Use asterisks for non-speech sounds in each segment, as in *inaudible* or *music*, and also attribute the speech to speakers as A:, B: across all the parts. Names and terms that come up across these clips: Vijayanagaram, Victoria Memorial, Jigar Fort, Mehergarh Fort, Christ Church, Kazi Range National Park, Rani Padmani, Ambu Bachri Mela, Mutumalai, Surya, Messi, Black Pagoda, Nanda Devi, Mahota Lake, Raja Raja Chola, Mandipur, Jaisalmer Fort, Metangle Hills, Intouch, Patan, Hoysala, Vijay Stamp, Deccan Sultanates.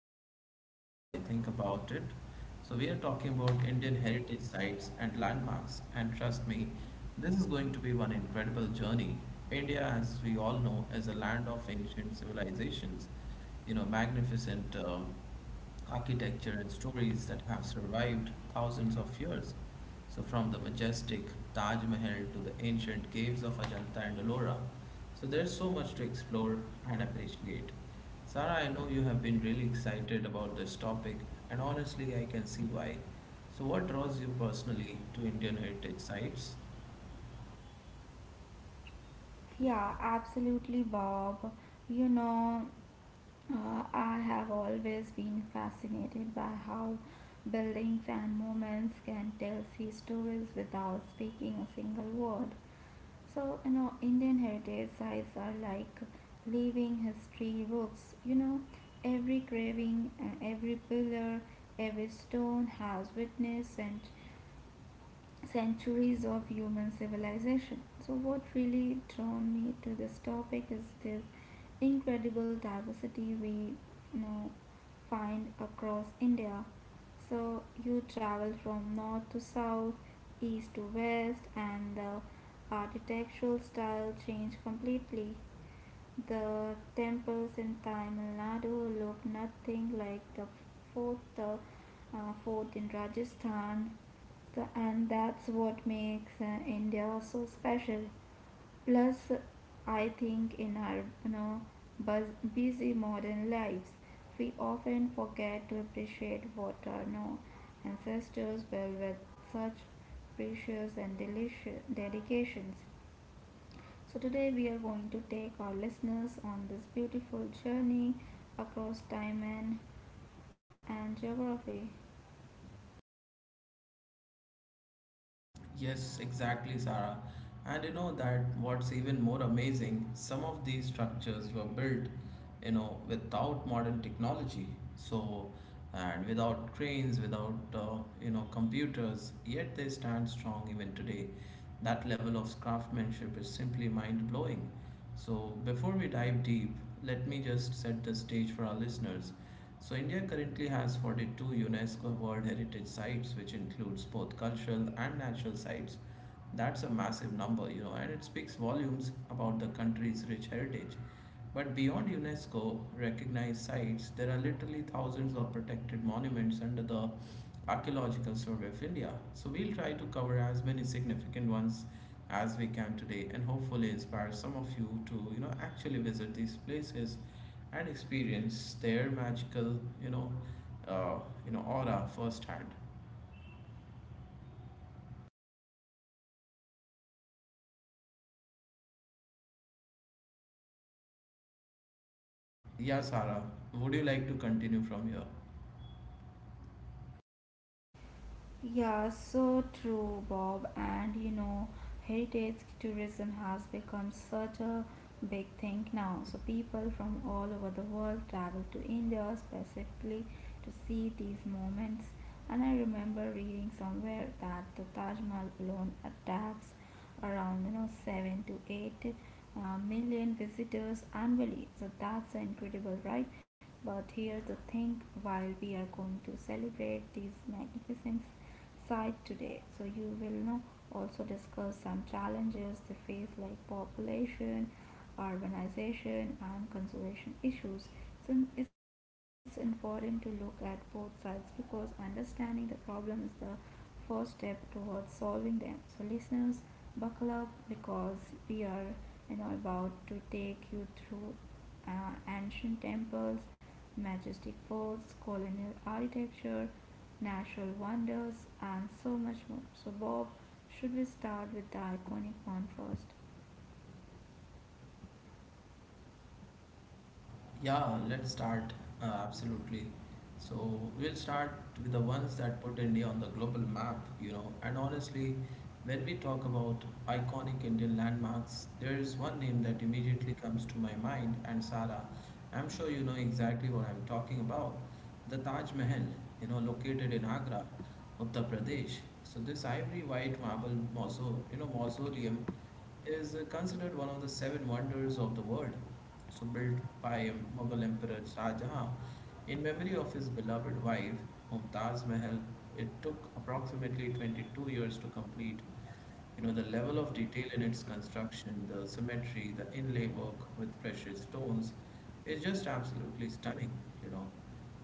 A: single time I think about it. So we are talking about Indian heritage sites and landmarks, and trust me, this is going to be one incredible journey. India, as we all know, is a land of ancient civilizations, you know, magnificent architecture and stories that have survived thousands of years. So from the majestic Taj Mahal to the ancient caves of Ajanta and Ellora, so there's so much to explore and appreciate. Sarah, I know you have been really excited about this topic, and honestly, I can see why. So, what draws you personally to Indian heritage sites?
B: Yeah, absolutely, Bob. You know, I have always been fascinated by how buildings and monuments can tell sea stories without speaking a single word. So, Indian heritage sites are like living history books. Every carving, every pillar, every stone has witness and centuries of human civilization. So, what really drawn me to this topic is this incredible diversity we you know find across India. So, you travel from north to south, east to west, and the architectural style change completely. The temples in Tamil Nadu look nothing like the fort, the fort in Rajasthan. And that's what makes India so special. Plus, I think in our you know busy modern lives, we often forget to appreciate what our no ancestors built with such precious and delicious dedications. So, today we are going to take our listeners on this beautiful journey across time and geography.
A: Yes, exactly, Sarah. And you know that what's even more amazing, some of these structures were built, you know, without modern technology. So, and without cranes, without, you know, computers, yet they stand strong even today. That level of craftsmanship is simply mind blowing. So, before we dive deep, let me just set the stage for our listeners. So India currently has 42 UNESCO World Heritage Sites, which includes both cultural and natural sites. That's a massive number, you know, and it speaks volumes about the country's rich heritage. But beyond UNESCO recognized sites, there are literally thousands of protected monuments under the Archaeological Survey of India. So we'll try to cover as many significant ones as we can today and hopefully inspire some of you to, you know, actually visit these places and experience their magical, you know, uh, aura firsthand. Yeah, Sarah, would you like to continue from here?
B: Yeah, so true, Bob. And you know, heritage tourism has become such a big thing now. So, people from all over the world travel to India specifically to see these moments. And I remember reading somewhere that the Taj Mahal alone attracts around seven to eight million visitors annually. So that's incredible, right? But here the thing, while we are going to celebrate these magnificent sight today, so you will know also discuss some challenges they face like population, urbanization and conservation issues. So it's important to look at both sides because understanding the problem is the first step towards solving them. So, listeners, buckle up because we are you know, about to take you through ancient temples, majestic forts, colonial architecture, natural wonders, and so much more. So, Bob, should we start with the iconic one first?
A: Yeah, let's start. Absolutely. So we'll start with the ones that put India on the global map, you know. And honestly, when we talk about iconic Indian landmarks, there is one name that immediately comes to my mind, and Sara, I'm sure you know exactly what I'm talking about. The Taj Mahal, you know, located in Agra, Uttar Pradesh. So this ivory white marble mausoleum is considered one of the seven wonders of the world. So, built by Mughal Emperor Shah Jahan in memory of his beloved wife Mumtaz Mahal, it took approximately 22 years to complete. You know, the level of detail in its construction, the symmetry, the inlay work with precious stones, it's just absolutely stunning, you know.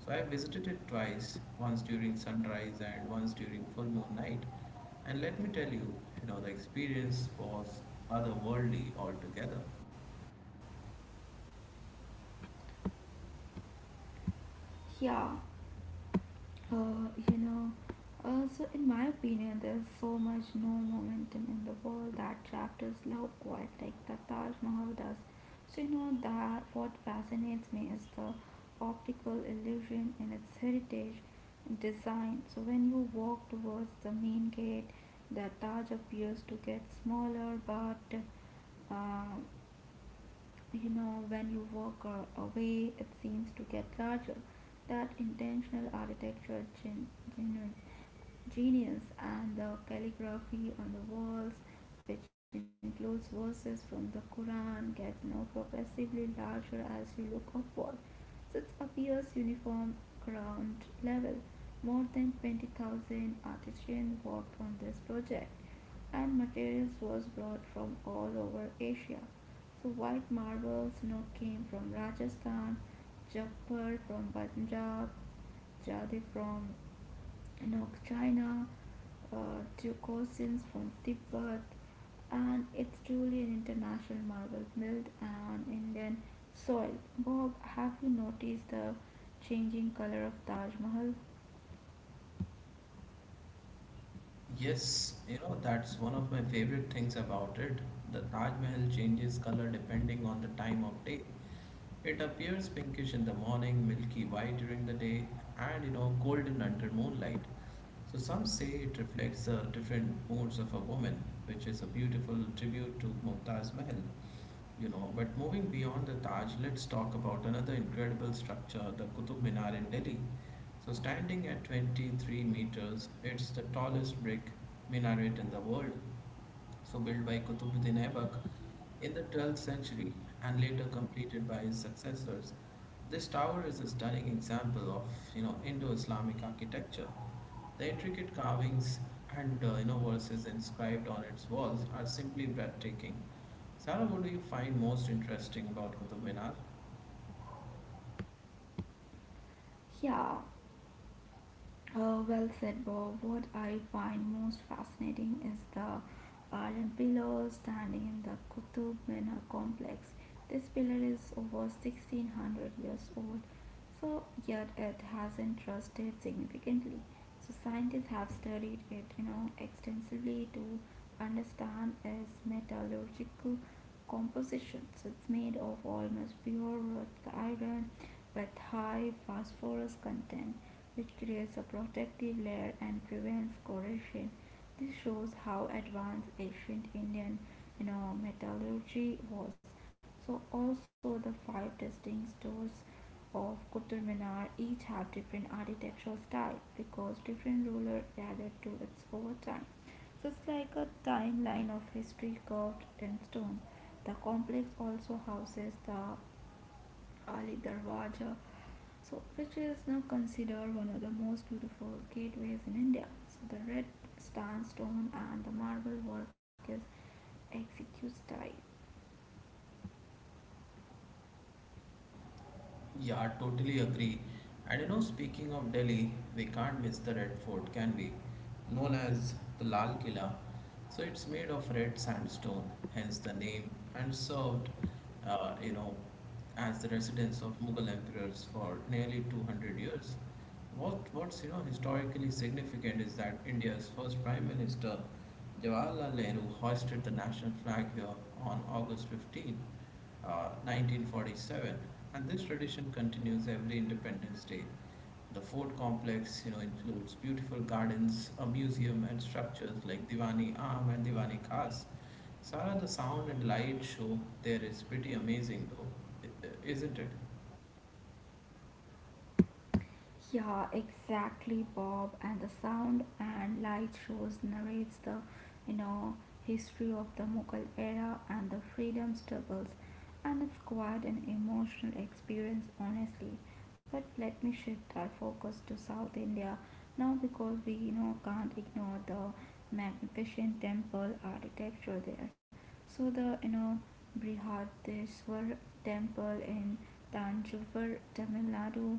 A: So I visited it twice, once during sunrise and once during full moon night. And let me tell you, you know, the experience was otherworldly altogether.
B: Yeah, Uh, you know, so in my opinion, there's so much no momentum in the world that chapters love quite like the Taj Mahal does. So you know that what fascinates me is the optical illusion in its heritage design. So when you walk towards the main gate, the Taj appears to get smaller, but uh, when you walk away it seems to get larger. That intentional architecture generates genius, and the calligraphy on the walls, which includes verses from the Quran, gets now progressively larger as you look upward. So it appears uniform ground level. More than 20,000 artisans worked on this project, and materials was brought from all over Asia. So white marble snow came from Rajasthan, Jaipur from Punjab, Jade from and of China, uh, to cuisines from Tibet, and it's truly an international marvel built on Indian soil. Bob, have you noticed the changing color of Taj Mahal?
A: Yes, you know, that's one of my favorite things about it. The Taj Mahal changes color depending on the time of day. It appears pinkish in the morning, milky white during the day, and you know, golden under moonlight. So some say it reflects the different moods of a woman, which is a beautiful tribute to Mumtaz Mahal, you know. But moving beyond the Taj, let's talk about another incredible structure, the Qutub Minar in Delhi. So standing at 23 meters, it's the tallest brick minaret in the world, so built by Qutbuddin Aibak in the 12th century and later completed by his successors. This tower is a stunning example of, you know, Indo-Islamic architecture. The intricate carvings and you know verses inscribed on its walls are simply breathtaking. Sarah, what do you find most interesting about Qutub Minar?
B: Yeah, well said, Bob. What I find most fascinating is the iron pillar standing in the Qutub Minar complex. This pillar is over 1600 years old, so yet it hasn't rusted significantly. So, scientists have studied it, extensively to understand its metallurgical composition. So, it's made of almost pure wrought iron with high phosphorus content which creates a protective layer and prevents corrosion. This shows how advanced ancient Indian, metallurgy was. So also the five distinct stores of Qutub Minar each have different architectural style because different ruler gathered to its over time. So it's like a timeline of history carved in stone. The complex also houses the Ali Darwaja, so which is now considered one of the most beautiful gateways in India. So the red sandstone and the marble work is exquisite.
A: Yeah, I totally agree. And you know, speaking of Delhi, we can't miss the Red Fort, can we? Known as the Lal Killa. So it's made of red sandstone, hence the name, and served, you know, as the residence of Mughal emperors for nearly 200 years. What's you know historically significant is that India's first Prime Minister Jawaharlal Nehru hoisted the national flag here on August 15, uh, 1947, and this tradition continues every Independence Day. The fort complex, you know, includes beautiful gardens, a museum, and structures like Diwani Am and Diwani Khas. Sara, the sound and light show there is pretty amazing, though, isn't it?
B: Yeah, exactly, Bob. And the sound and light shows narrates the, you know, history of the Mughal era and the freedom struggles. And it's quite an emotional experience, honestly. But let me shift our focus to South India now because we, can't ignore the magnificent temple architecture there. So the, Brihadeshwar temple in Tanjavur, Tamil Nadu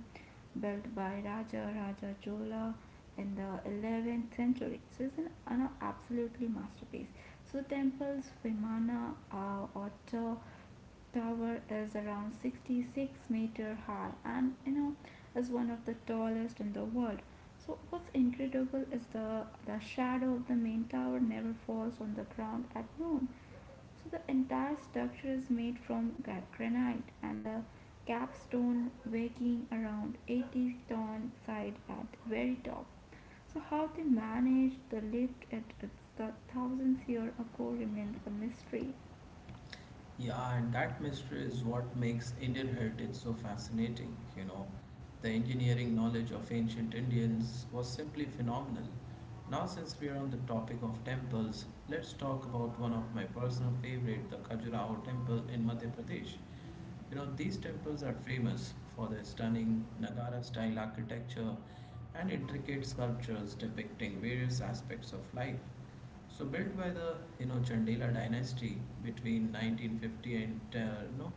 B: built by Raja Raja Chola in the 11th century. So it's an absolutely masterpiece. So temple's Vimana or tower is around 66-meter high and is one of the tallest in the world. So what's incredible is the shadow of the main tower never falls on the ground at noon. So the entire structure is made from granite and the capstone weighing around 80-ton side at very top. So how they managed the lift at its the thousandth year ago remains a mystery.
A: Yeah, and that mystery is what makes Indian heritage so fascinating, you know. The engineering knowledge of ancient Indians was simply phenomenal. Now, since we are on the topic of temples, let's talk about one of my personal favorite, the Khajuraho temple in Madhya Pradesh. You know, these temples are famous for their stunning Nagara style architecture and intricate sculptures depicting various aspects of life. So built by the, you know, Chandela dynasty between 1950 and, you know,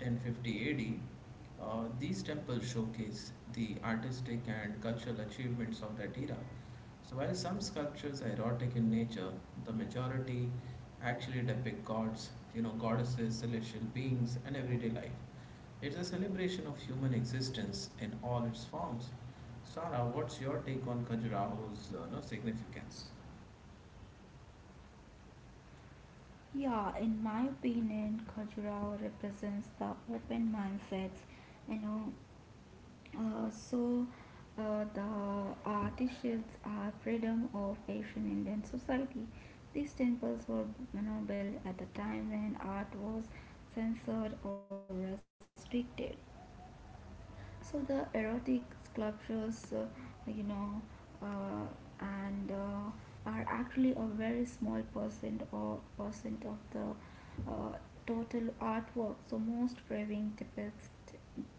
A: 1050 AD. These temples showcase the artistic and cultural achievements of that era. So while some sculptures are erotic in nature, the majority actually depict gods, you know, goddesses, celestial beings, and everyday life. It's a celebration of human existence in all its forms. Sara, what's your take on Khajuraho's you know, significance?
B: Yeah, in my opinion, Khajuraho represents the open mindsets, you know, Uh, so the artisans are freedom of Asian Indian society. These temples were, built at the time when art was censored or restricted, so the erotic sculptures you know uh, and are actually a very small percent or percent of the uh, total artwork. So most craving depicts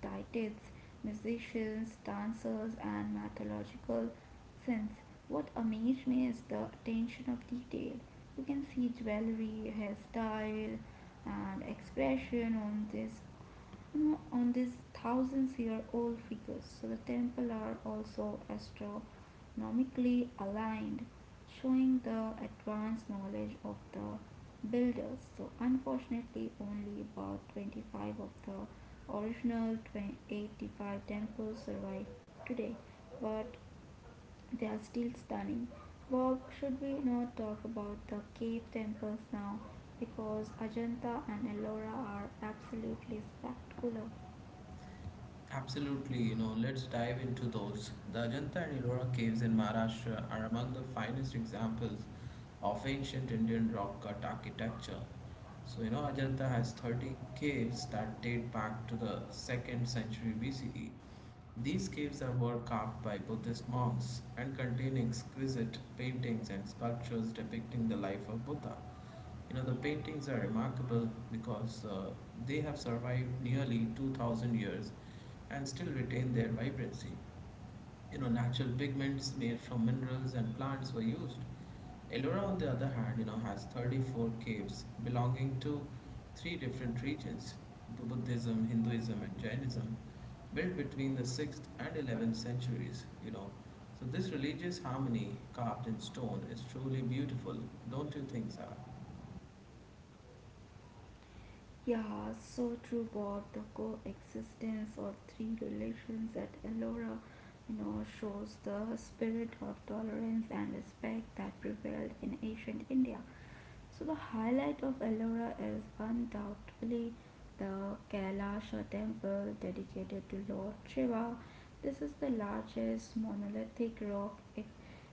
B: deities, musicians, dancers and mythological scenes. What amazed me is the attention of detail. You can see jewelry, hairstyle, and expression on this on these thousands year old figures. So the temple are also astronomically aligned, showing the advanced knowledge of the builders. So unfortunately, only about 25 of the original 85 temples survive today, but they are still stunning. But should we not talk about the cave temples now? Because Ajanta and Ellora are absolutely spectacular.
A: Absolutely, you know, let's dive into those. The Ajanta and Ellora caves in Maharashtra are among the finest examples of ancient Indian rock cut architecture. So, you know, Ajanta has 30 caves that date back to the 2nd century BCE. These caves are were carved by Buddhist monks and contain exquisite paintings and sculptures depicting the life of Buddha. You know, the paintings are remarkable because they have survived nearly 2000 years and still retain their vibrancy. You know, natural pigments made from minerals and plants were used. Ellora, on the other hand, you know, has 34 caves belonging to three different regions: Buddhism, Hinduism, and Jainism, built between the 6th and 11th centuries. You know, so this religious harmony carved in stone is truly beautiful, don't you think, Sarah?
B: Yeah, so true, Bob. The coexistence of three relations at Ellora, shows the spirit of tolerance and respect that prevailed in ancient India. So the highlight of Ellora is undoubtedly the Kailasha temple dedicated to Lord Shiva. This is the largest monolithic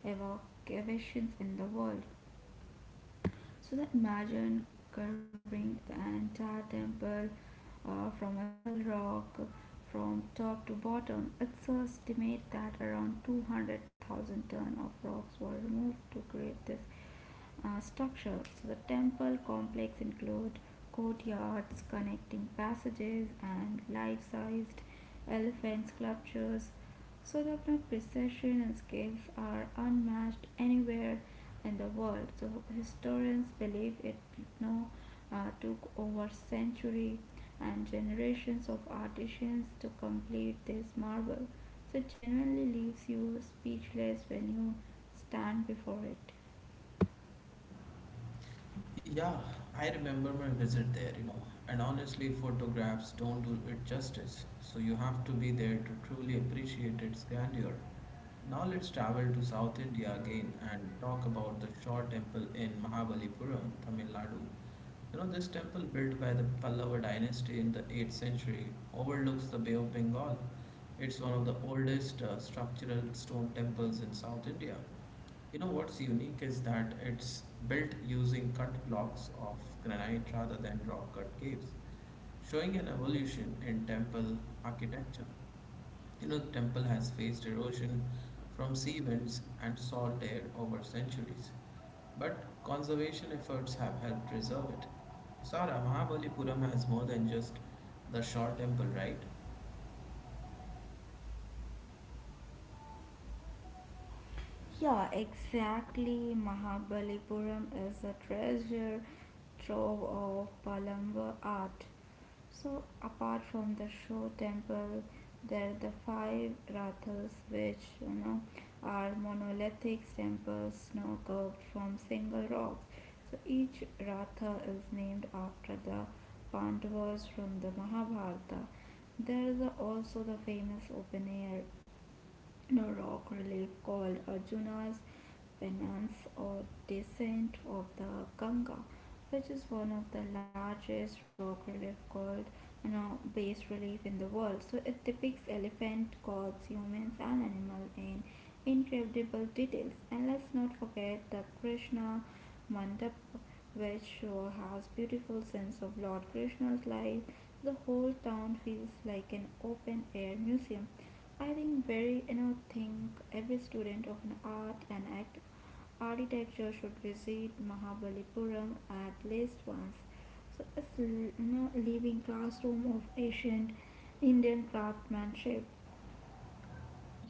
B: evocations in the world. So that imagine carving the entire temple from a single rock from top to bottom. It's estimate that around 200,000 tons of rocks were removed to create this structure. So the temple complex includes courtyards, connecting passages and life-sized elephant sculptures. So the Sodapan precision and scales are unmatched anywhere in the world. So historians believe it now took over century and generations of artisans to complete this marvel. So it genuinely leaves you speechless when you stand before it.
A: Yeah, I remember my visit there, you know, and honestly, photographs don't do it justice, so you have to be there to truly appreciate its grandeur. Now let's travel to South India again and talk about the Shaw Temple in Mahabalipuram, Tamil Nadu. You know, this temple, built by the Pallava dynasty in the 8th century, overlooks the Bay of Bengal. It's one of the oldest structural stone temples in South India. You know what's unique is that it's built using cut blocks of granite rather than rock cut caves, showing an evolution in temple architecture. You know, the temple has faced erosion from sea winds and salt air over centuries, but conservation efforts have helped preserve it. Sara, Mahabalipuram has more than just the shore temple, right?
B: Yeah, exactly. Mahabalipuram is a treasure trove of Palamba art. So, apart from the show temple, there are the five rathas, which are monolithic temples snow carved from single rocks. So, each ratha is named after the Pandavas from the Mahabharata. There is also the famous open air no rock relief called Arjuna's Penance or Descent of the Ganga, which is one of the largest rock relief called, bas relief in the world. So it depicts elephant, gods, humans, and animals in incredible details. And let's not forget the Krishna Mandap, which has beautiful sense of Lord Krishna's life. The whole town feels like an open air museum. I think very you know think every student of an art and act architecture should visit Mahabalipuram at least once. So, living classroom of ancient Indian craftsmanship.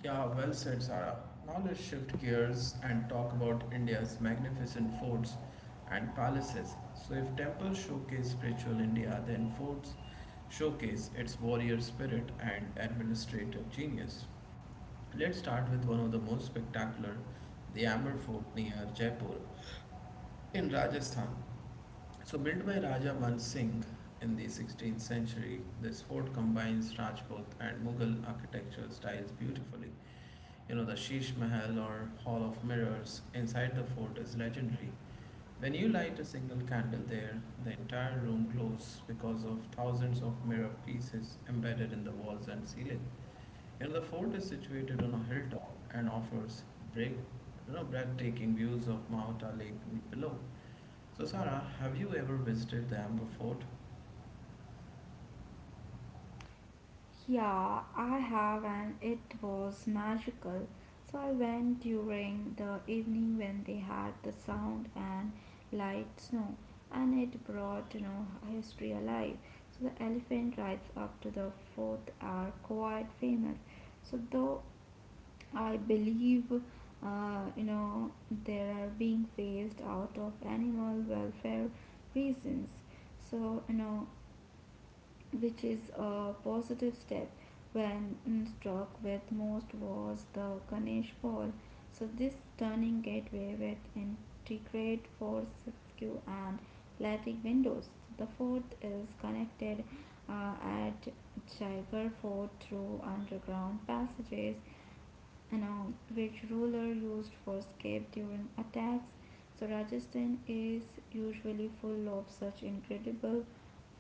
A: Yeah, well said, Sarah. Now let's shift gears and talk about India's magnificent forts and palaces. So, if temples showcase spiritual India, then forts showcase its warrior spirit and administrative genius. Let's start with one of the most spectacular, the Amber Fort near Jaipur in Rajasthan. So, built by Raja Man Singh in the 16th century, this fort combines Rajput and Mughal architecture styles beautifully. You know, the Sheesh Mahal or Hall of Mirrors inside the fort is legendary. When you light a single candle there, the entire room glows because of thousands of mirror pieces embedded in the walls and ceiling. You know, the fort is situated on a hilltop and offers break, breathtaking views of Mahota Lake below. So, Sarah, have you ever visited the Amber Fort?
B: Yeah, I have, and it was magical. So I went during the evening when they had the sound and light snow, and it brought history alive. So the elephant rides up to the fourth are quite famous. So though I believe, uh, you know they are being phased out of animal welfare reasons. So you know, which is a positive step. When mm, struck with most was the Ganesh ball. So this turning gateway with integrate force skew and lattice windows. The fourth is connected at Jigar Fort through underground passages now, which ruler used for escape during attacks? So Rajasthan is usually full of such incredible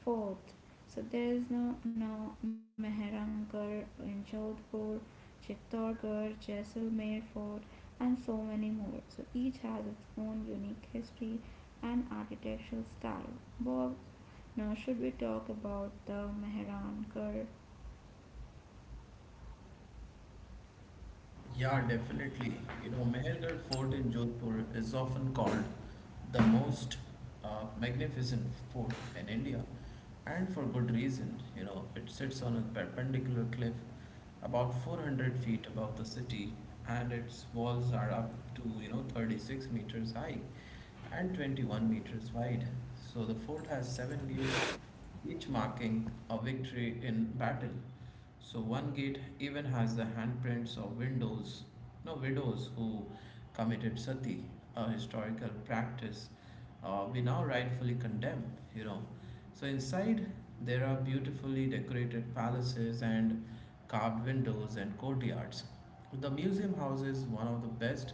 B: forts. So there is no now Mehrankar in Jodhpur, Chittorgarh, Jaisalmer Fort, and so many more. So each has its own unique history and architectural style. Bob, now should we talk about the Mehrankar?
A: Yeah, definitely. You know, Mehergarh Fort in Jodhpur is often called the most magnificent fort in India, and for good reason. You know, it sits on a perpendicular cliff about 400 feet above the city, and its walls are up to, you know, 36 meters high and 21 meters wide. So the fort has seven gates, each marking a victory in battle. So one gate even has the handprints of windows, no widows who committed sati, a historical practice we now rightfully condemn. You know, so inside there are beautifully decorated palaces and carved windows and courtyards. The museum houses one of the best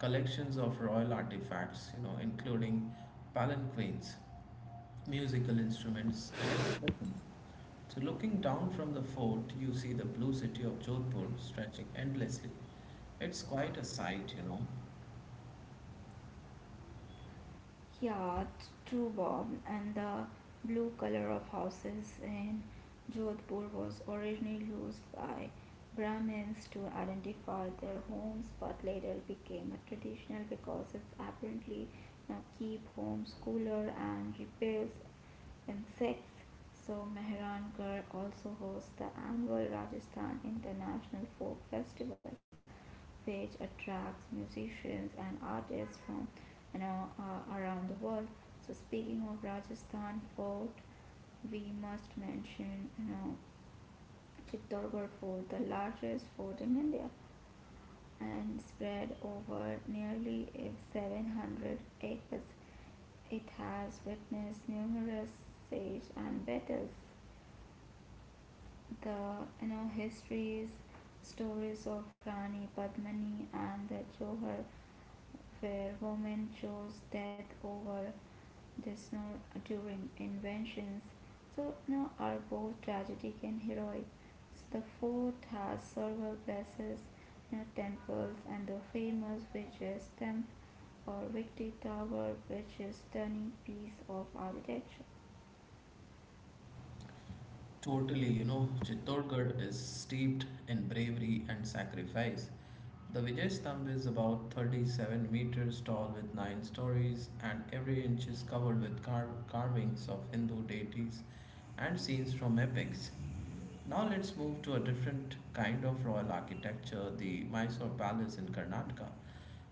A: collections of royal artifacts, you know, including palanquins, musical instruments, and weapons. So, looking down from the fort, you see the blue city of Jodhpur stretching endlessly. It's quite a sight, you know.
B: Yeah, it's true, Bob. And the blue color of houses in Jodhpur was originally used by Brahmins to identify their homes, but later became a traditional because it's apparently now keep homes cooler and repels insects. So Mehrangarh also hosts the annual Rajasthan International Folk Festival which attracts musicians and artists from, around the world. So speaking of Rajasthan fort, we must mention, Chittorgarh fort, the largest fort in India, and spread over nearly 700 acres. It has witnessed numerous siege and battles. The histories, stories of Rani Padmani and the Johar where women chose death over the snow during inventions. So now are both tragic and heroic. So the fort has several places, temples, and the famous which is or Victory Tower, which is stunning piece of architecture.
A: Totally, you know, Chittorgarh is steeped in bravery and sacrifice. The Vijay Stamp is about 37 meters tall with 9 stories, and every inch is covered with carvings of Hindu deities and scenes from epics. Now, let's move to a different kind of royal architecture, the Mysore Palace in Karnataka.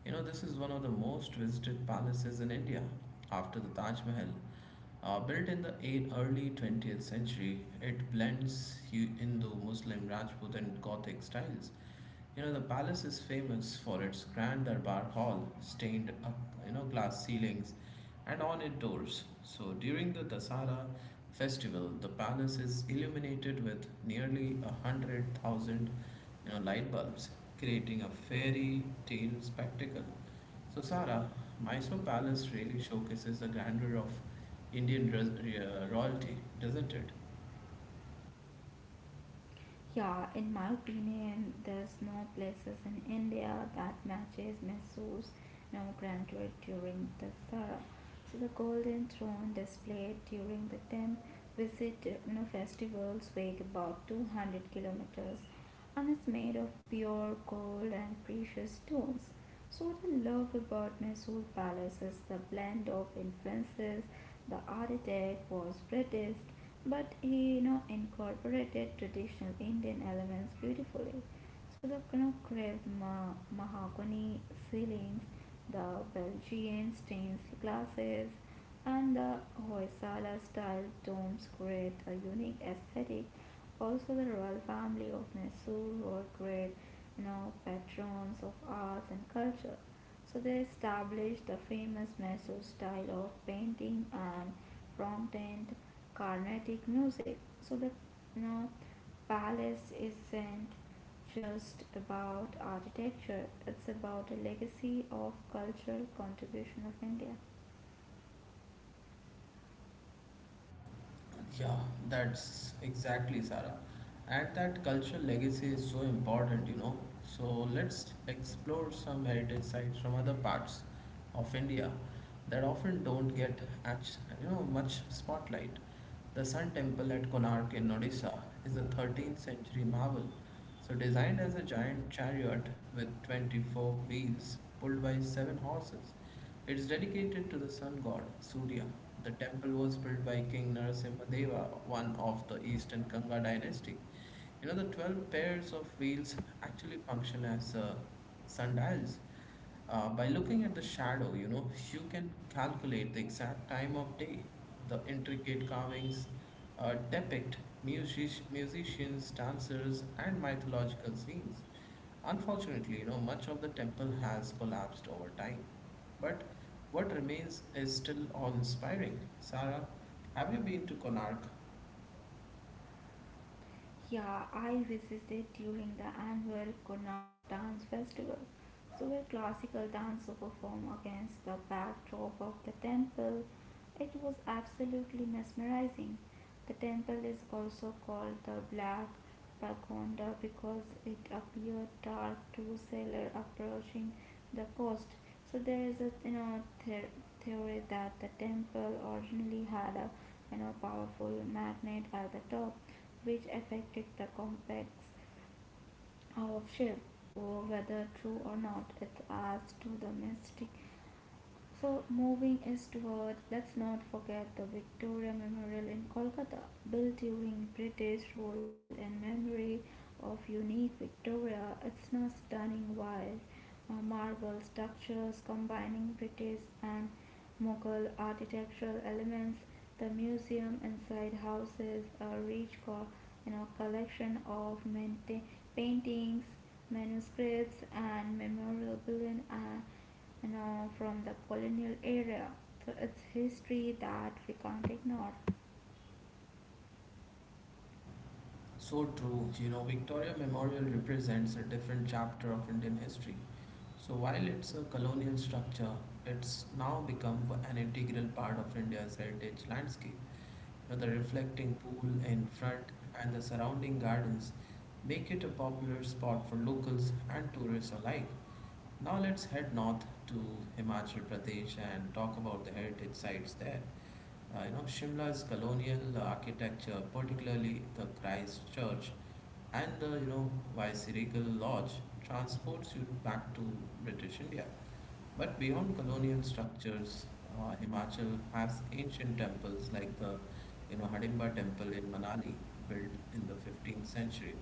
A: You know, this is one of the most visited palaces in India after the Taj Mahal. Built in the early 20th century, it blends Hindu, Muslim, Rajput, and Gothic styles. You know, the palace is famous for its grand darbar hall, stained up, you know, glass ceilings and ornate doors. So during the Dasara festival, the palace is illuminated with nearly 100,000, you know, light bulbs, creating a fairy tale spectacle. So, Sara, Mysore Palace really showcases the grandeur of Indian royalty, doesn't it?
B: Yeah, in my opinion, there's no places in India that matches Mysore's nomenclature during the Sara. So the golden throne displayed during the 10th visit, festivals weigh about 200 kilometers and is made of pure gold and precious stones. So what I love about Mysore Palace is the blend of influences. The architect was British, but he incorporated traditional Indian elements beautifully. So the mahogany ceilings, the Belgian stained glasses, and the Hoysala style domes create a unique aesthetic. Also, the royal family of Mysore were great, patrons of arts and culture. So they established the famous Meso style of painting and prominent Carnatic music. So the you know, palace isn't just about architecture, it's about a legacy of cultural contribution of India.
A: Yeah, that's exactly Sarah. And that cultural legacy is so important, you know. So let's explore some heritage sites from other parts of India that often don't get much spotlight. The Sun Temple at Konark in Odisha is a 13th century marvel. So designed as a giant chariot with 24 wheels pulled by 7 horses. It is dedicated to the sun god Surya. The temple was built by King Narasimhadeva, one of the eastern Ganga dynasty. You know, the 12 pairs of wheels actually function as sundials. By looking at the shadow, you know, you can calculate the exact time of day. The intricate carvings depict musicians, dancers, and mythological scenes. Unfortunately, you know, much of the temple has collapsed over time, but what remains is still awe-inspiring. Sarah, have you been to Konark?
B: Yeah, I visited during the annual Konark Dance Festival. So, where classical dancers perform against the backdrop of the temple, it was absolutely mesmerizing. The temple is also called the Black Pagoda because it appeared dark to sailor approaching the coast. So, there is a theory that the temple originally had a powerful magnet at the top which affected the complex of ship. Oh, whether true or not, it adds to the mystic. So, moving eastward, let's not forget the Victoria Memorial in Kolkata, built during British rule in memory of unique Victoria. It's a stunning white marble structures combining British and Mughal architectural elements. The museum inside houses a collection of paintings, manuscripts, and memorabilia. And from the colonial era. So it's history that we can't ignore.
A: So true. You know, Victoria Memorial represents a different chapter of Indian history. So while it's a colonial structure, it's now become an integral part of India's heritage landscape. You know, the reflecting pool in front and the surrounding gardens make it a popular spot for locals and tourists alike. Now let's head north to Himachal Pradesh and talk about the heritage sites there. You know, Shimla's colonial architecture, particularly the Christ Church and the you know Viceregal Lodge, transports you back to British India. But beyond colonial structures, Himachal has ancient temples like the you know Hadimba Temple in Manali, built in the 15th century.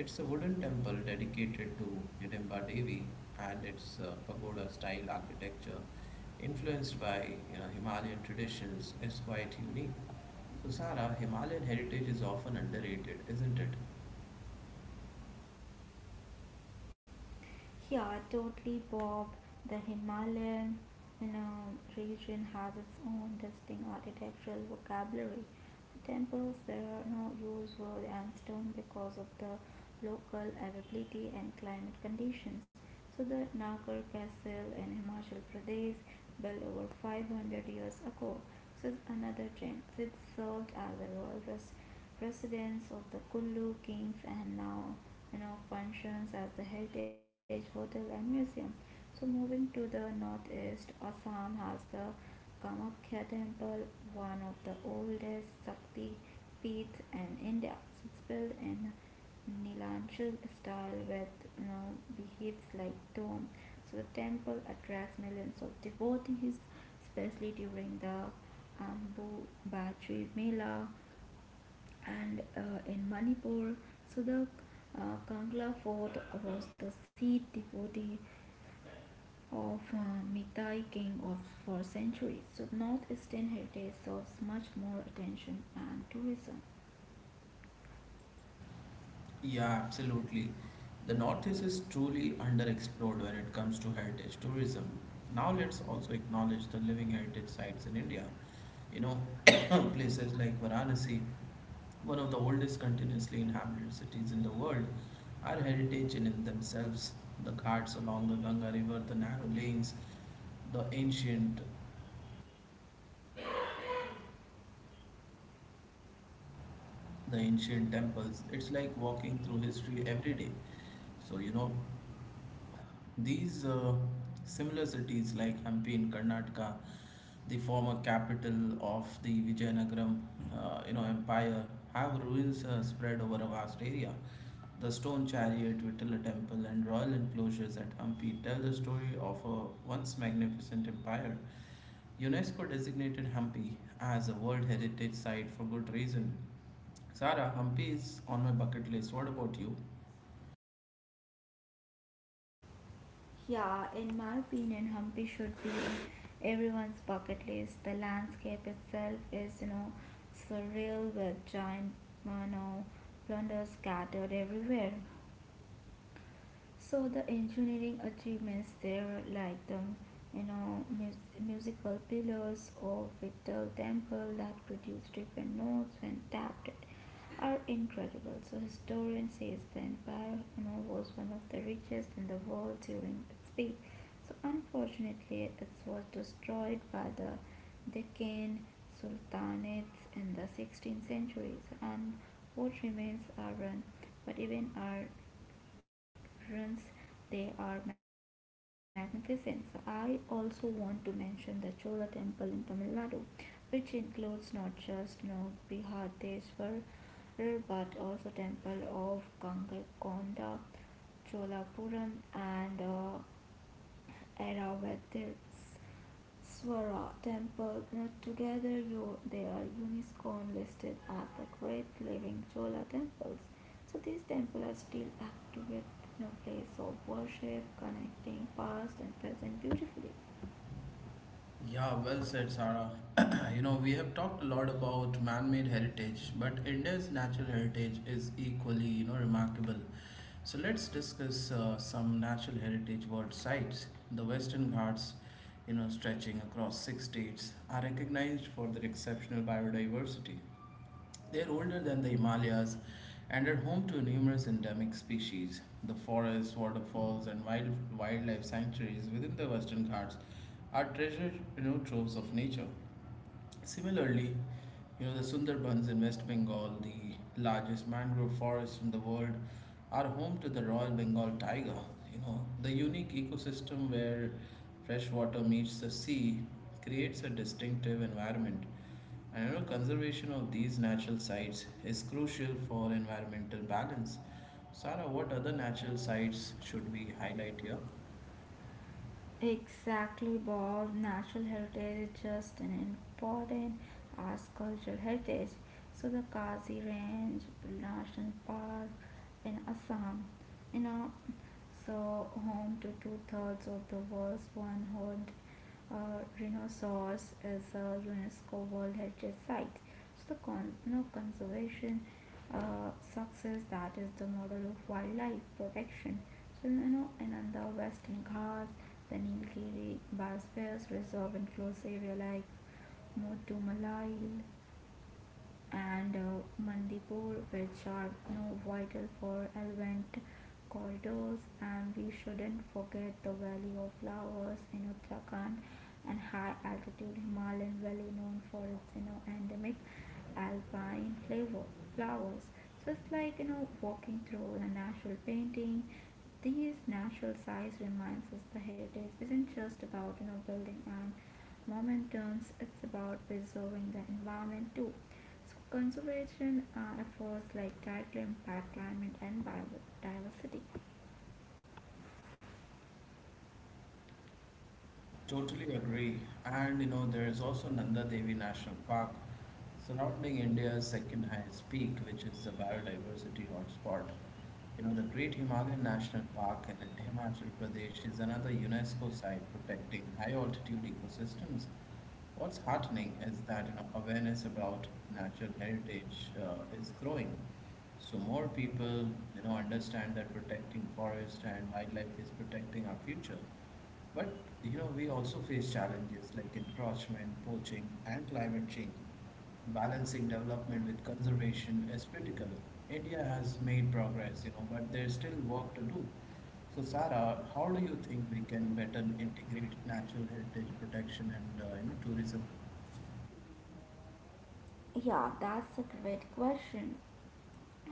A: It's a wooden temple dedicated to Jugdamba Devi and its pagoda style architecture, influenced by you know, Himalayan traditions, is quite unique. So, Sarah, Himalayan heritage is often underrated, isn't it?
B: Yeah, totally, Bob. The Himalayan region has its own distinct architectural vocabulary. The temples there are no use wood and stone because of the local availability and climate conditions. So the Nagar Castle in Himachal Pradesh, built over 500 years ago, so it's another gem. It served as a residence of the Kullu kings and now functions as the heritage hotel and museum. So moving to the northeast, Assam has the Kamakhya temple, one of the oldest shakti peats in India. So it's built in Nilanchal style with behaves like dome. So the temple attracts millions of devotees, especially during the Ambu Bachri Mela, and in Manipur, so the Kangla fort was the seat devotee of Mithai king of for centuries. So northeastern heritage serves much more attention and tourism.
A: Yeah, absolutely. The Northeast is truly underexplored when it comes to heritage tourism. Now let's also acknowledge the living heritage sites in India. You know, *coughs* places like Varanasi, one of the oldest continuously inhabited cities in the world, are heritage in themselves. The ghats along the Ganga River, the narrow lanes, the ancient, the ancient temples. It's like walking through history every day. So, you know. These Similar cities like Hampi in Karnataka, the former capital of the Vijayanagaram, you know, empire, have ruins spread over a vast area. The stone chariot, Vitala temple, and royal enclosures at Hampi tell the story of a once magnificent empire. UNESCO designated Hampi as a World Heritage Site for good reason. Sarah, Hampi is on my bucket list. What about you?
B: Yeah, in my opinion, Hampi should be in everyone's bucket list. The landscape itself is, surreal with giant, you know, plunders scattered everywhere. So the engineering achievements there, like the musical pillars or vital temple that produce different notes when tapped, are incredible. So historian says the empire was one of the richest in the world during its peak. So unfortunately, it was destroyed by the Deccan Sultanates in the 16th centuries, and what remains are run. But even our ruins, they are magnificent. So I also want to mention the Chola temple in Tamil Nadu, which includes not just Bihadeshwar but also temple of Gangakonda, Cholapuram, and era where this Swara temple not together you they are UNESCO listed as the great living Chola temples. So these temples are still active with no place of worship, connecting past and present beautifully.
A: Yeah, well said, Sarah. *clears throat* You know, we have talked a lot about man-made heritage, but India's natural heritage is equally, you know, remarkable. So let's discuss some natural heritage world sites. The Western Ghats, you know, stretching across six states, are recognized for their exceptional biodiversity. They are older than the Himalayas and are home to numerous endemic species. The forests, waterfalls, and wildlife sanctuaries within the Western Ghats are treasure you know, troves of nature. Similarly, you know, the Sundarbans in West Bengal, the largest mangrove forest in the world, are home to the Royal Bengal tiger. You know, the unique ecosystem where fresh water meets the sea creates a distinctive environment. And you know, conservation of these natural sites is crucial for environmental balance. Sarah, what other natural sites should we highlight here?
B: Exactly, Bob. Natural heritage is just an important as cultural heritage. So the Kazi Range National Park in Assam, you know, so home to two-thirds of the world's one-horned uh, rhinoceros, is a UNESCO World Heritage Site. So the conservation success that is the model of wildlife protection. So, and on the Western Ghats, the Nilgiri Biosphere Reserve includes area like Mutumalai, and Mandipur, which are vital for elephant corridors. And we shouldn't forget the Valley of Flowers in Uttarakhand and high altitude Himalayan valley known for its endemic alpine flavor flowers. So it's like walking through a natural painting. These natural sights reminds us the heritage isn't just about building and momentums. It's about preserving the environment too. So conservation efforts like tidal impact, climate, and biodiversity.
A: Totally agree. And you know, there is also Nanda Devi National Park surrounding India's second highest peak, which is a biodiversity hotspot. You know, the Great Himalayan National Park in Himachal Pradesh is another UNESCO site protecting high altitude ecosystems. What's heartening is that you know, awareness about natural heritage is growing. So more people, you know, understand that protecting forest and wildlife is protecting our future. But you know, we also face challenges like encroachment, poaching, and climate change. Balancing development with conservation is critical. India has made progress, you know, but there's still work to do. So, Sarah, how do you think we can better integrate natural heritage protection and you know tourism?
B: Yeah, that's a great question.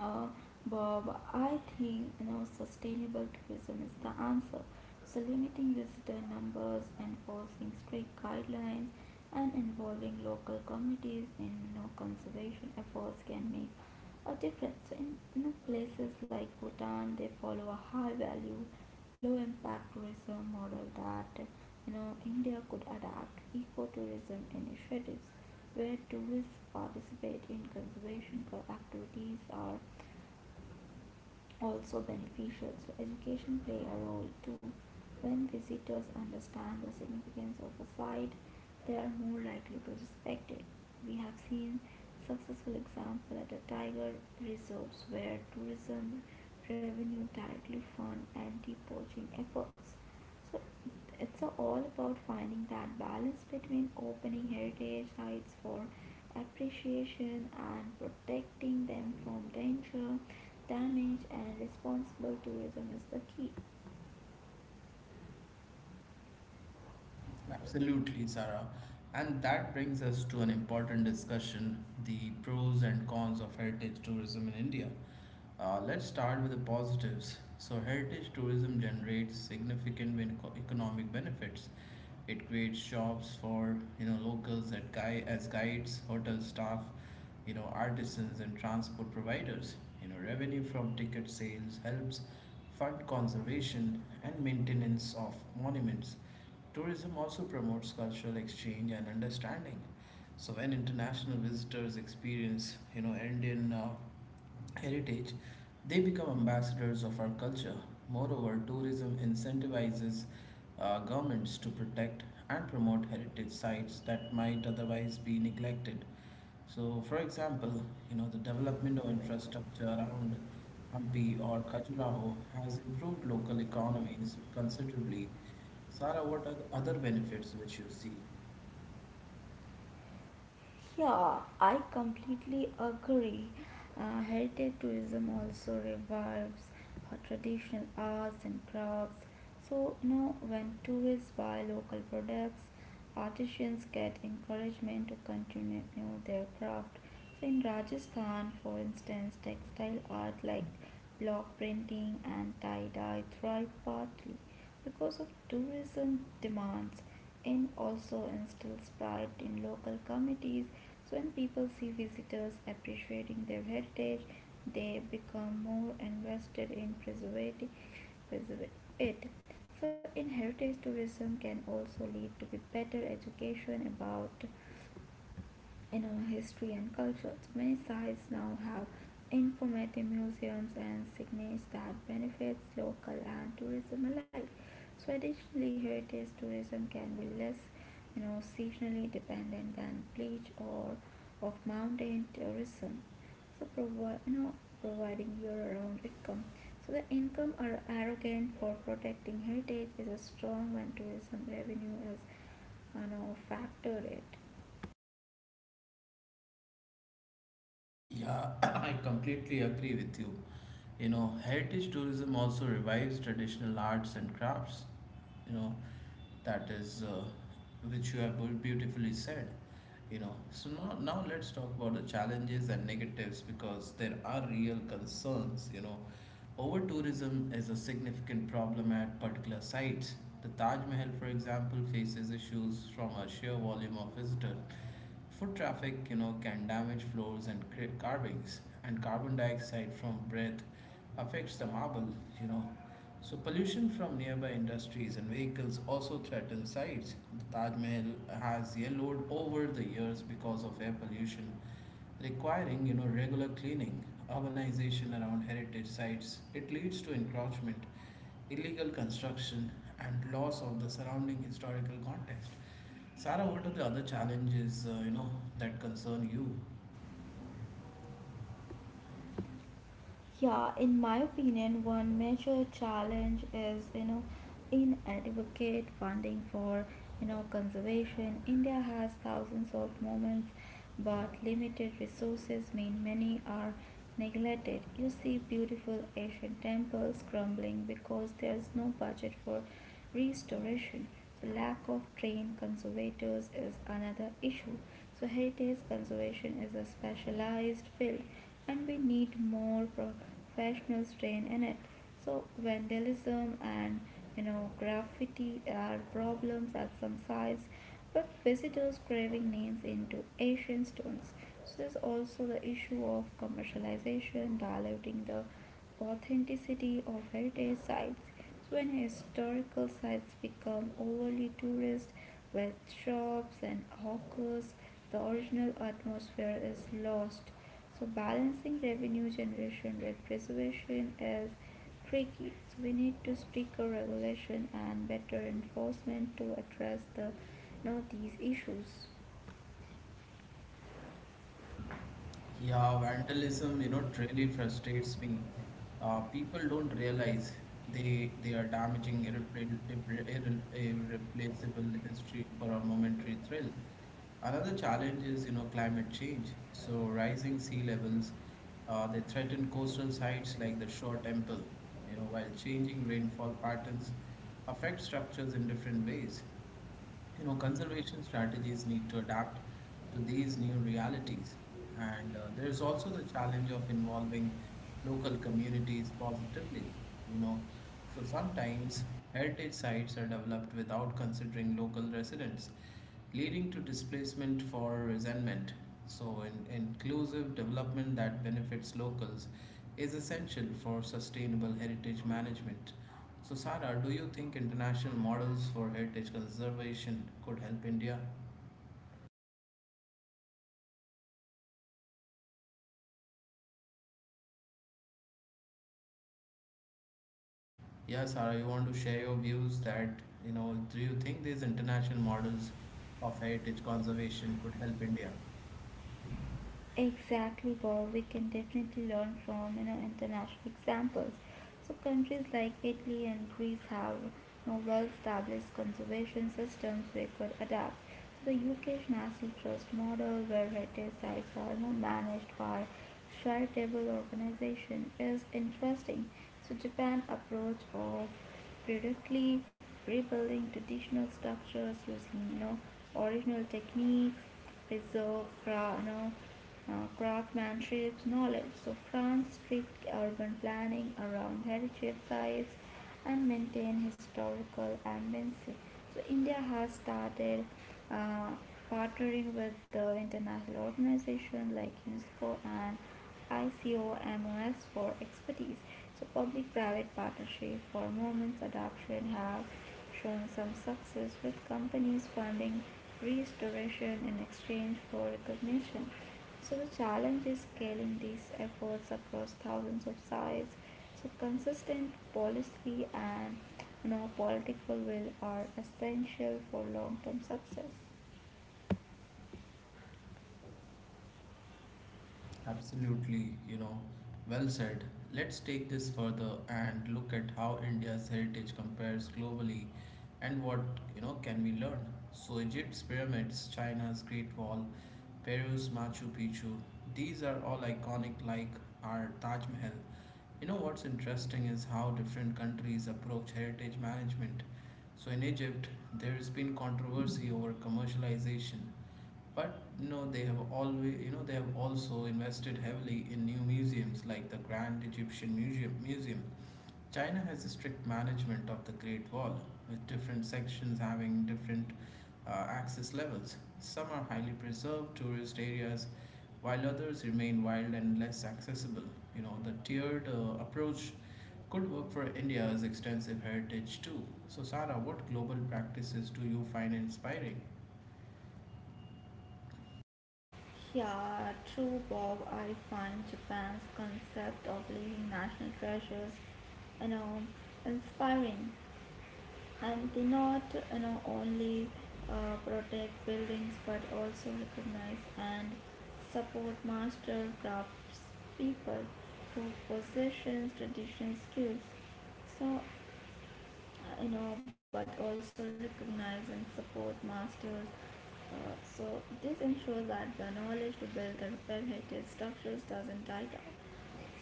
B: Uh, Bob, I think sustainable tourism is the answer. So, limiting visitor numbers, enforcing strict guidelines, and involving local communities in conservation efforts can make or difference. So in places like Bhutan, they follow a high value, low impact tourism model that India could adapt ecotourism initiatives where tourists participate in conservation activities are also beneficial. So, education play a role too. When visitors understand the significance of a site, they are more likely to respect it. We have seen successful example at a tiger reserves where tourism revenue directly fund anti-poaching efforts. So it's all about finding that balance between opening heritage sites for appreciation and protecting them from danger damage and responsible tourism is the key.
A: Absolutely, Sarah. And that brings us to an important discussion the pros and cons of heritage tourism in India. Let's start with the positives. So, heritage tourism generates economic benefits. It creates jobs for you know locals at guy as guides, hotel staff, you know artisans and transport providers. You know revenue from ticket sales helps fund conservation and maintenance of monuments. Tourism also promotes cultural exchange and understanding. So when international visitors experience, you know, Indian heritage, they become ambassadors of our culture. Moreover, tourism incentivizes governments to protect and promote heritage sites that might otherwise be neglected. So, for example, you know, the development of infrastructure around Hampi or Khajuraho has improved local economies considerably. Sara, what are the other benefits which you see?
B: Yeah, I completely agree. Heritage tourism also revives our traditional arts and crafts. So now, when tourists buy local products, artisans get encouragement to continue their craft. So in Rajasthan, for instance, textile art like block printing and tie-dye thrive partly because of tourism demands and also instills pride in local communities. So when people see visitors appreciating their heritage, they become more invested in preserving it. So in heritage tourism can also lead to be better education about history and culture. So many sites now have informative museums and signage that benefits local and tourism alike. So additionally, heritage tourism can be less, seasonally dependent than beach or of mountain tourism. So provide you know providing year-round income. So the income are arrogant for protecting heritage is strong when tourism revenue is factored it.
A: Yeah, *coughs* *clears throat* I completely agree with you. You know, heritage tourism also revives traditional arts and crafts, you know, that is, which you have beautifully said. You know, so now let's talk about the challenges and negatives because there are real concerns, you know. Over tourism is a significant problem at particular sites. The Taj Mahal, for example, faces issues from a sheer volume of visitors. Foot traffic, you know, can damage floors and create carvings, and carbon dioxide from breath affects the marble, you know. So pollution from nearby industries and vehicles also threatens sites. The Taj Mahal has yellowed over the years because of air pollution requiring you know regular cleaning, urbanization around heritage sites. It leads to encroachment, illegal construction, and loss of the surrounding historical context. Sarah, what are the other challenges you know that concern you?
B: Yeah, in my opinion, one major challenge is inadequate funding for conservation. India has thousands of moments, but limited resources mean many are neglected. You see beautiful Asian temples crumbling because there's no budget for restoration. So lack of trained conservators is another issue. So heritage conservation is a specialized field and we need more professionals trained in it. So vandalism and graffiti are problems at some sites but visitors craving names into ancient stones. So there's also the issue of commercialization diluting the authenticity of heritage sites when historical sites become overly tourist with shops and hawkers, the original atmosphere is lost. So balancing revenue generation with preservation is tricky. So we need to stricter regulation and better enforcement to address the these issues.
A: Yeah, vandalism, you know, really frustrates me. People don't realize they are damaging irreplaceable history for a momentary thrill. Another challenge is, you know, climate change. So rising sea levels, they threaten coastal sites like the Shore Temple, you know, while changing rainfall patterns affect structures in different ways. You know, conservation strategies need to adapt to these new realities. And there is also the challenge of involving local communities positively. You know, so sometimes heritage sites are developed without considering local residents leading to displacement for resentment. So inclusive development that benefits locals is essential for sustainable heritage management. So, Sara, do you think international models for heritage conservation could help India? Yeah, Sara, you want to share your views that, you know, do you think these international models of heritage conservation could help India?
B: Exactly, Bob. We can definitely learn from international examples. So countries like Italy and Greece have well-established conservation systems we could adapt. So the UK's National Trust model, where heritage sites are managed by charitable organization, is interesting. So Japan approach of periodically rebuilding traditional structures using original techniques, preserve, craftsmanship knowledge. So France strict urban planning around heritage sites and maintain historical ambience. So India has started uh, partnering with the international organizations like UNESCO and ICOMOS for expertise. So public-private partnership for moments adoption have shown some success with companies funding restoration in exchange for recognition. So the challenge is scaling these efforts across thousands of sites. So consistent policy and political will are essential for long-term success.
A: Absolutely, you know, well said. Let's take this further and look at how India's heritage compares globally and what, you know, can we learn. So Egypt's pyramids, China's Great Wall, Peru's Machu Picchu, these are all iconic like our Taj Mahal. You know what's interesting is how different countries approach heritage management. So in Egypt, there's been controversy over commercialization. But no, they have always, you know, they have also invested heavily in new museums like the Grand Egyptian Museum. China has a strict management of the Great Wall, with different sections having different access levels. Some are highly preserved tourist areas, while others remain wild and less accessible. You know, the tiered approach could work for India's extensive heritage too. So, Sarah, what global practices do you find inspiring?
B: Yeah, true, Bob. I find Japan's concept of living national treasures, you know, inspiring. And they not only protect buildings but also recognize and support master crafts people who possess traditional skills. So but also recognize and support masters. So this ensures that the knowledge to build the repair heritage structures doesn't die down.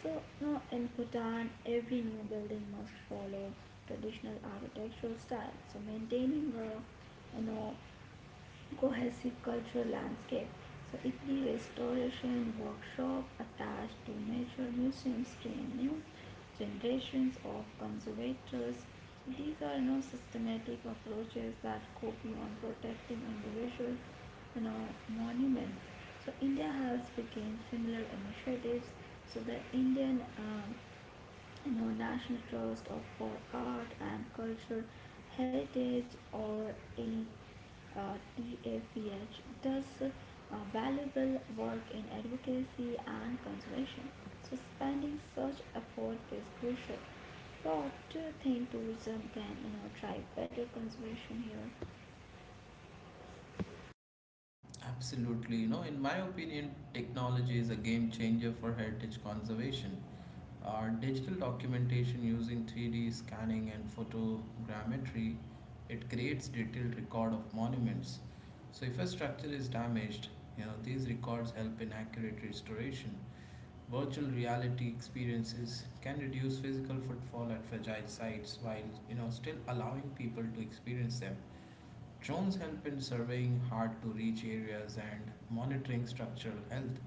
B: So now in Bhutan, every new building must follow traditional architectural style. So maintaining a cohesive cultural landscape. So Italy restoration workshop attached to major museums train new generations of conservators. So these are systematic approaches that go beyond protecting individual monuments. So India has begun similar initiatives. So the Indian National Trust of for Art and Culture Heritage or in TAFEH does valuable work in advocacy and conservation. So spending such effort is crucial. But do you think tourism can drive better conservation here?
A: Absolutely. You know, in my opinion, technology is a game changer for heritage conservation. Our digital documentation using 3D scanning and photogrammetry, it creates detailed record of monuments. So if a structure is damaged, you know, these records help in accurate restoration. Virtual reality experiences can reduce physical footfall at fragile sites while, you know, still allowing people to experience them. Drones help in surveying hard to reach areas and monitoring structural health.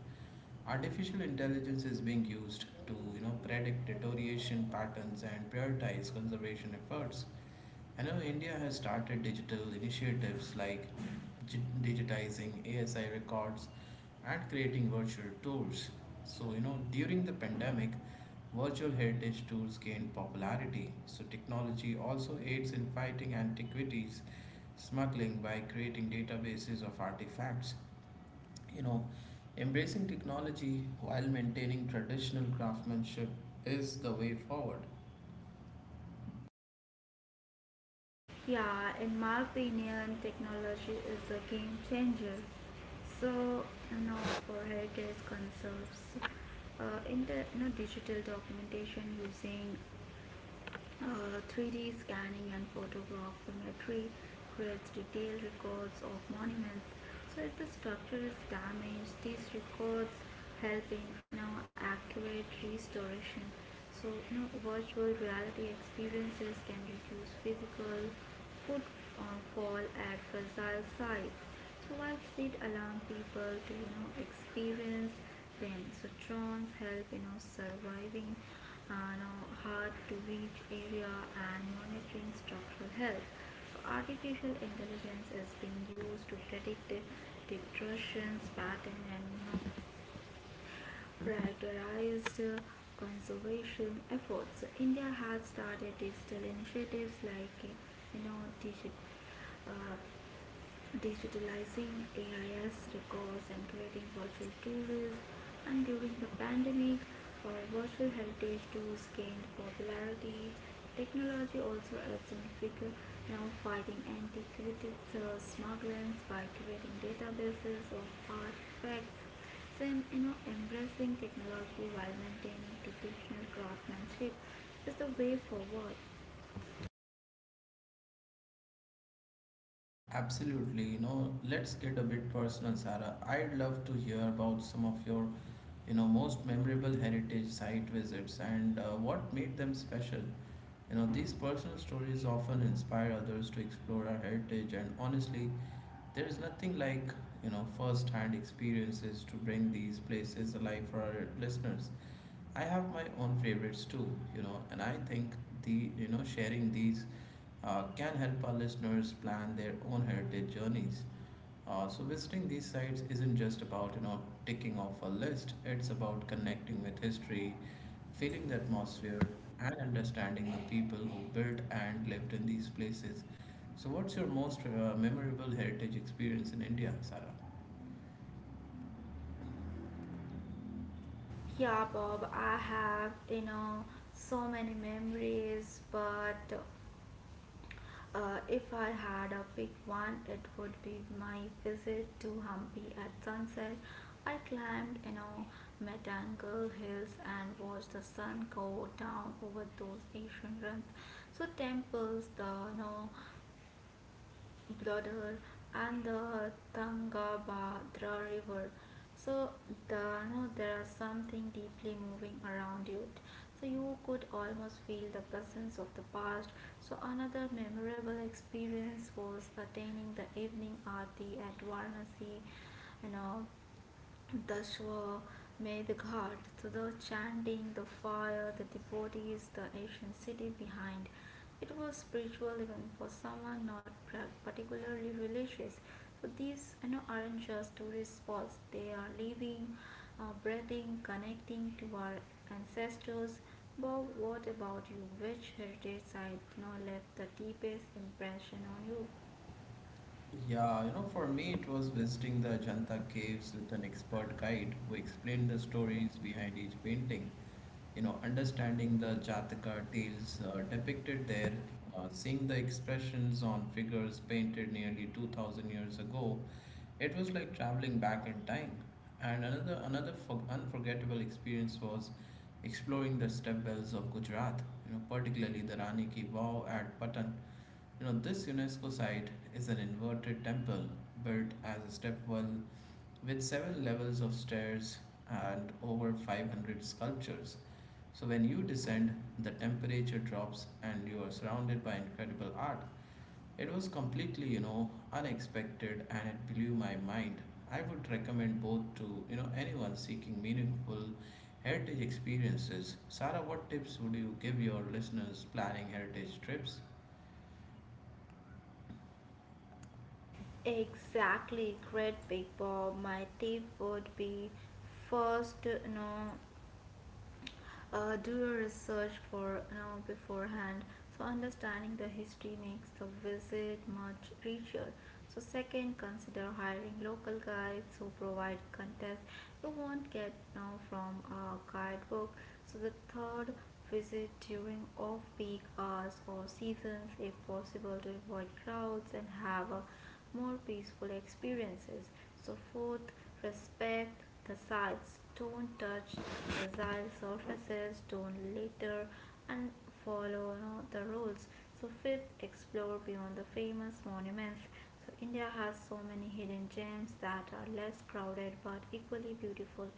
A: Artificial intelligence is being used to you know predict deterioration patterns and prioritize conservation efforts. I know India has started digital initiatives like digitizing ASI records and creating virtual tours. So, you know, during the pandemic, virtual heritage tours gained popularity. So, technology also aids in fighting antiquities smuggling by creating databases of artifacts. You know, embracing technology while maintaining traditional craftsmanship is the way forward.
B: Yeah, in my opinion, technology is a game changer. So, you know, for heritage conserves, in the digital documentation using 3D scanning and photogrammetry creates detailed records of monuments. So, if the structure is damaged, these records help in accurate restoration. So, virtual reality experiences can reduce physical would fall at fragile sites. So while street allowing people to experience them. So drones help surviving hard to reach area and monitoring structural health. So artificial intelligence is being used to predict the disruptions pattern and prioritized conservation efforts. So, India has started digital initiatives like you know digit, uh, digitalizing AIS records and creating virtual tours. And during the pandemic, virtual heritage tours gained popularity. Technology also helps in figure now fighting antiquities smuggling by creating databases of artifacts. So, Embracing technology while maintaining traditional craftsmanship is the way forward.
A: Absolutely, you know, let's get a bit personal, Sarah. I'd love to hear about some of your you know most memorable heritage site visits and what made them special you know these personal stories often inspire others to explore our heritage and honestly there is nothing like you know first hand experiences to bring these places alive for our listeners I have my own favorites too you know and I think the you know sharing these can help our listeners plan their own heritage journeys so visiting these sites isn't just about you know ticking off a list. It's about connecting with history, feeling the atmosphere, and understanding the people who built and lived in these places. So, what's your most memorable heritage experience in India, Sarah?
B: Yeah, Bob, I have, so many memories, but if I had a big one, it would be my visit to Hampi at sunset. I climbed, Metangle Hills and watched the sun go down over those ancient ruins. So temples, Blodhar, and the Tungabhadra River. So there is something deeply moving around you. So you could almost feel the presence of the past. So another memorable experience was attending the evening aarti at Varanasi, you know, the shore, may the god, so the chanting, the fire, the devotees, the ancient city behind. It was spiritual even for someone not particularly religious. So these aren't just tourist spots, they are living, breathing, connecting to our ancestors. Bob, what about you? Which heritage site, left the deepest impression on you?
A: Yeah, you know, for me, it was visiting the Ajanta caves with an expert guide who explained the stories behind each painting. You know, understanding the Jataka tales depicted there, seeing the expressions on figures painted nearly 2000 years ago, it was like traveling back in time. And another unforgettable experience was exploring the step wells of Gujarat, you know, particularly the Rani Ki Vav at Patan, you know, this UNESCO site is an inverted temple built as a stepwell with several levels of stairs and over 500 sculptures. So, when you descend, the temperature drops and you are surrounded by incredible art. It was completely, you know, unexpected and it blew my mind. I would recommend both to, you know, anyone seeking meaningful heritage experiences. Sarah, what tips would you give your listeners planning heritage trips?
B: Exactly, great big Bob. My tip would be first, do your research for you know beforehand, so understanding the history makes the visit much richer. So second, consider hiring local guides who provide context you won't get now from a guidebook. So the third, visit during off peak hours or seasons if possible to avoid crowds and have a more peaceful experiences. So fourth, respect the sides. Don't touch fragile surfaces. Don't litter and follow you the rules. So fifth, explore beyond the famous monuments. So India has so many hidden gems that are less crowded but equally beautiful.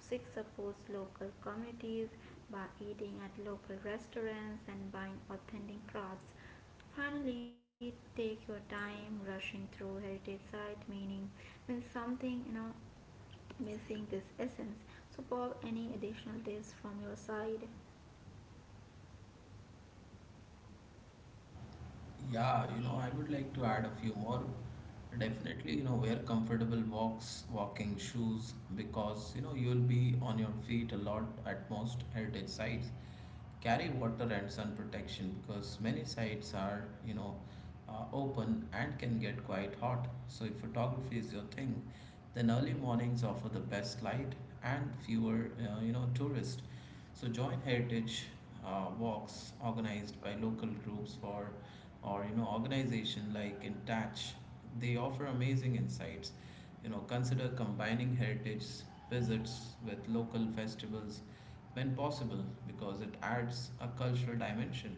B: Six, supports local communities by eating at local restaurants and buying authentic crafts. Finally, take your time rushing through heritage site meaning means something missing this essence. So Bob, any additional tips from your side?
A: Yeah, you know, I would like to add a few more. Definitely, you know, wear walking shoes because, you know, you'll be on your feet a lot at most heritage sites. Carry water and sun protection because many sites are, you know, open and can get quite hot. So if photography is your thing, then early mornings offer the best light and fewer, you know, tourists. So join heritage walks organized by local groups for or you know organization like Intouch, they offer amazing insights. You know, consider combining heritage visits with local festivals when possible because it adds a cultural dimension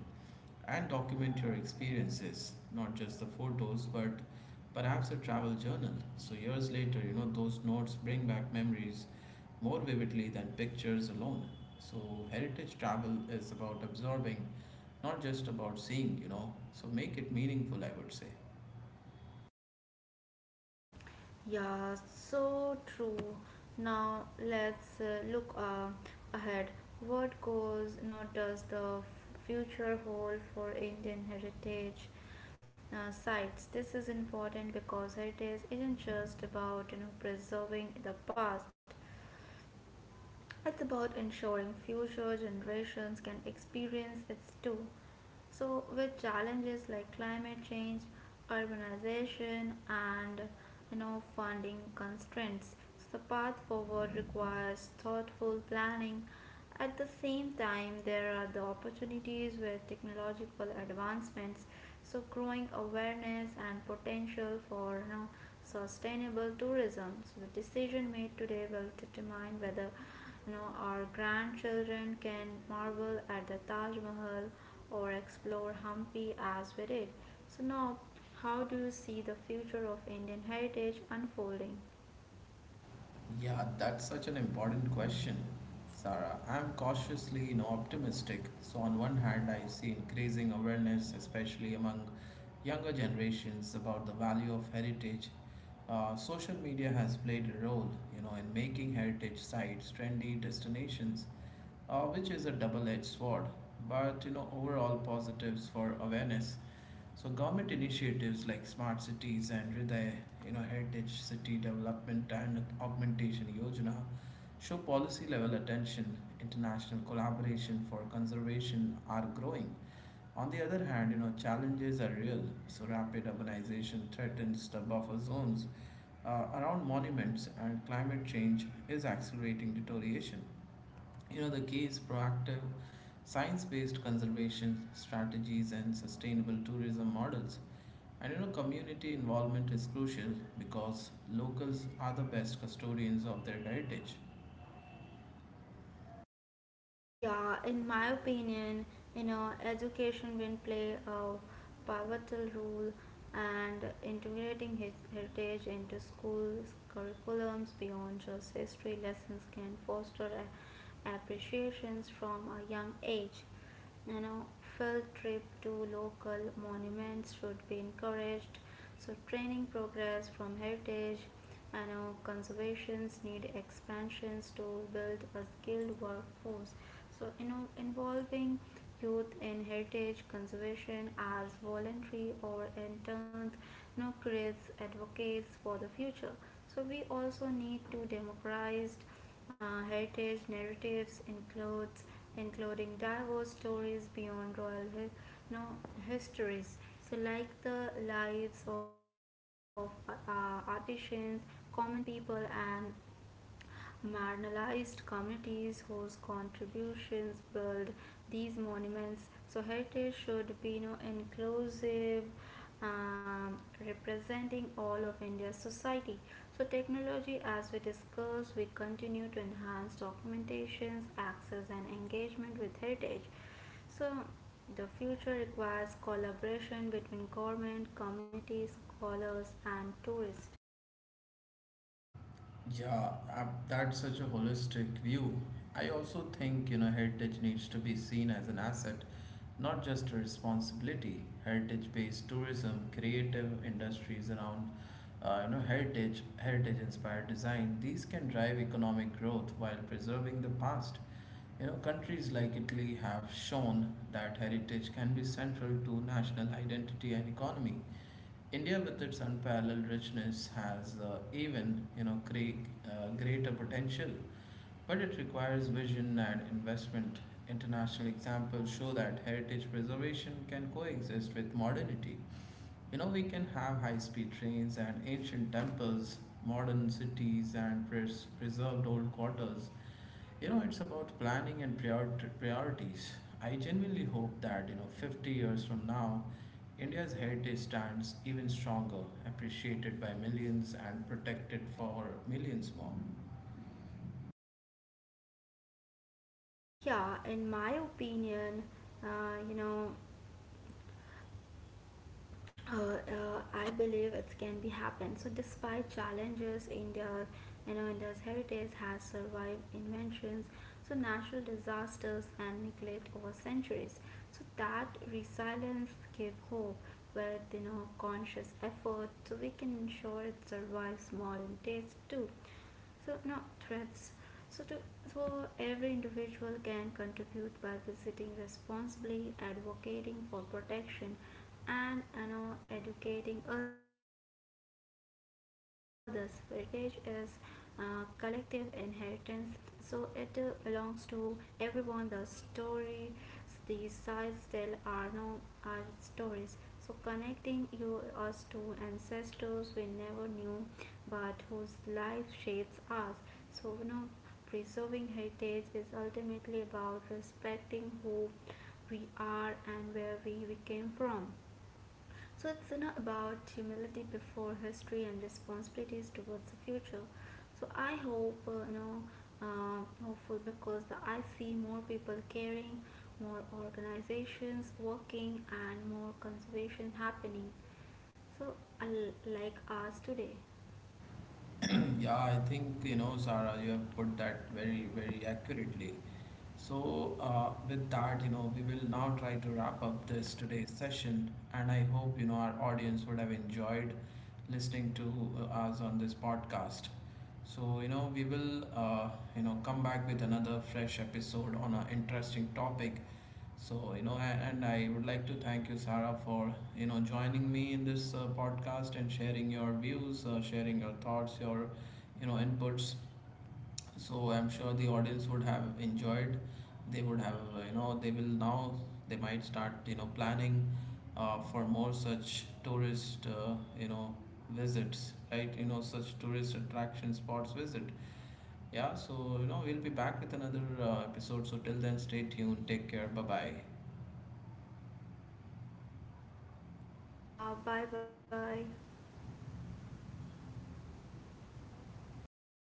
A: and document your experiences, not just the photos, but perhaps a travel journal. So, years later, you know, those notes bring back memories more vividly than pictures alone. So, heritage travel is about absorbing, not just about seeing, you know. So, make it meaningful, I would say.
B: Yeah, so true. Now let's look ahead. What goes not does the future hold for Indian heritage sites? This is important because heritage isn't just about preserving the past. It's about ensuring future generations can experience it too. So, with challenges like climate change, urbanization, and funding constraints, so the path forward requires thoughtful planning. At the same time, there are the opportunities with technological advancements, so growing awareness and potential for sustainable tourism. So the decision made today will determine whether, our grandchildren can marvel at the Taj Mahal or explore Hampi as we did. So now, how do you see the future of Indian heritage unfolding?
A: Yeah, that's such an important question, Sarah. I'm cautiously, you know, optimistic. So, on one hand, I see increasing awareness, especially among younger generations, about the value of heritage. Social media has played a role, you know, in making heritage sites trendy destinations, which is a double-edged sword. But you know, overall positives for awareness. So government initiatives like smart cities and Hriday, you know, Heritage City Development and Augmentation Yojana show policy level attention. International collaboration for conservation are growing. On the other hand, you know, challenges are real. So rapid urbanization threatens the buffer zones around monuments and climate change is accelerating deterioration. You know, the key is proactive science based conservation strategies and sustainable tourism models. And you know, community involvement is crucial because locals are the best custodians of their heritage.
B: Yeah, in my opinion, education will play a pivotal role, and integrating his heritage into schools curriculums beyond just history lessons can foster appreciations from a young age. You know, field trip to local monuments should be encouraged. So training progress from heritage, conservations need expansions to build a skilled workforce. So, involving youth and heritage conservation as voluntary or interns, no, creates advocates for the future. So we also need to democratize heritage narratives includes including diverse stories beyond royal hi- no, histories. So like the lives of artisans, common people and marginalized communities whose contributions build these monuments. So, heritage should be, inclusive, um, representing all of India's society. So, technology, as we discussed, we continue to enhance documentations, access, and engagement with heritage. So, the future requires collaboration between government, communities, scholars, and tourists.
A: Yeah, that's such a holistic view. I also think, you know, heritage needs to be seen as an asset, not just a responsibility. Heritage-based tourism, creative industries around, you know, heritage-inspired design. These can drive economic growth while preserving the past. You know, countries like Italy have shown that heritage can be central to national identity and economy. India, with its unparalleled richness, has even you know greater potential, but it requires vision and investment. International examples show that heritage preservation can coexist with modernity. You know, we can have high-speed trains and ancient temples, modern cities, and preserved old quarters. You know, it's about planning and priorities. I genuinely hope that, you know, 50 years from now, India's heritage stands even stronger, appreciated by millions and protected for millions more.
B: Yeah, in my opinion, uh, you know, I believe it can be happen. So despite challenges, India, India's heritage has survived inventions, so natural disasters and neglect over centuries. So that resilience give hope with, you know, conscious effort, so we can ensure it survives modern days too. So no threats, so to, so every individual can contribute by visiting responsibly, advocating for protection, and, educating others. Heritage is collective inheritance, so it belongs to everyone. The story these sites tell our, no, our stories. So connecting you us to ancestors we never knew, but whose life shapes us. So, you know, preserving heritage is ultimately about respecting who we are and where we came from. So it's not about humility before history and responsibilities towards the future. So I hope, hopeful because the, I see more people caring, more organizations working, and more conservation happening. So uh, like us today.
A: *clears throat* Yeah, I think, you know, Sarah, you have put that very, very accurately. So, with that, you know, we will now try to wrap up this today's session, and I hope, you know, our audience would have enjoyed listening to us on this podcast. So, you know, we will, you know, come back with another fresh episode on an interesting topic. So, you know, and I would like to thank you, Sarah, for, you know, joining me in this podcast and sharing your views, sharing your thoughts, your, you know, inputs. So I'm sure the audience would have enjoyed. They would have, you know, they will now, they might start, you know, planning for more such tourist, you know, visits, right? You know, such tourist attraction spots visit. Yeah, so, you know, we'll be back with another episode. So till then, stay tuned. Take care. Bye bye.
B: Yeah. Bye bye.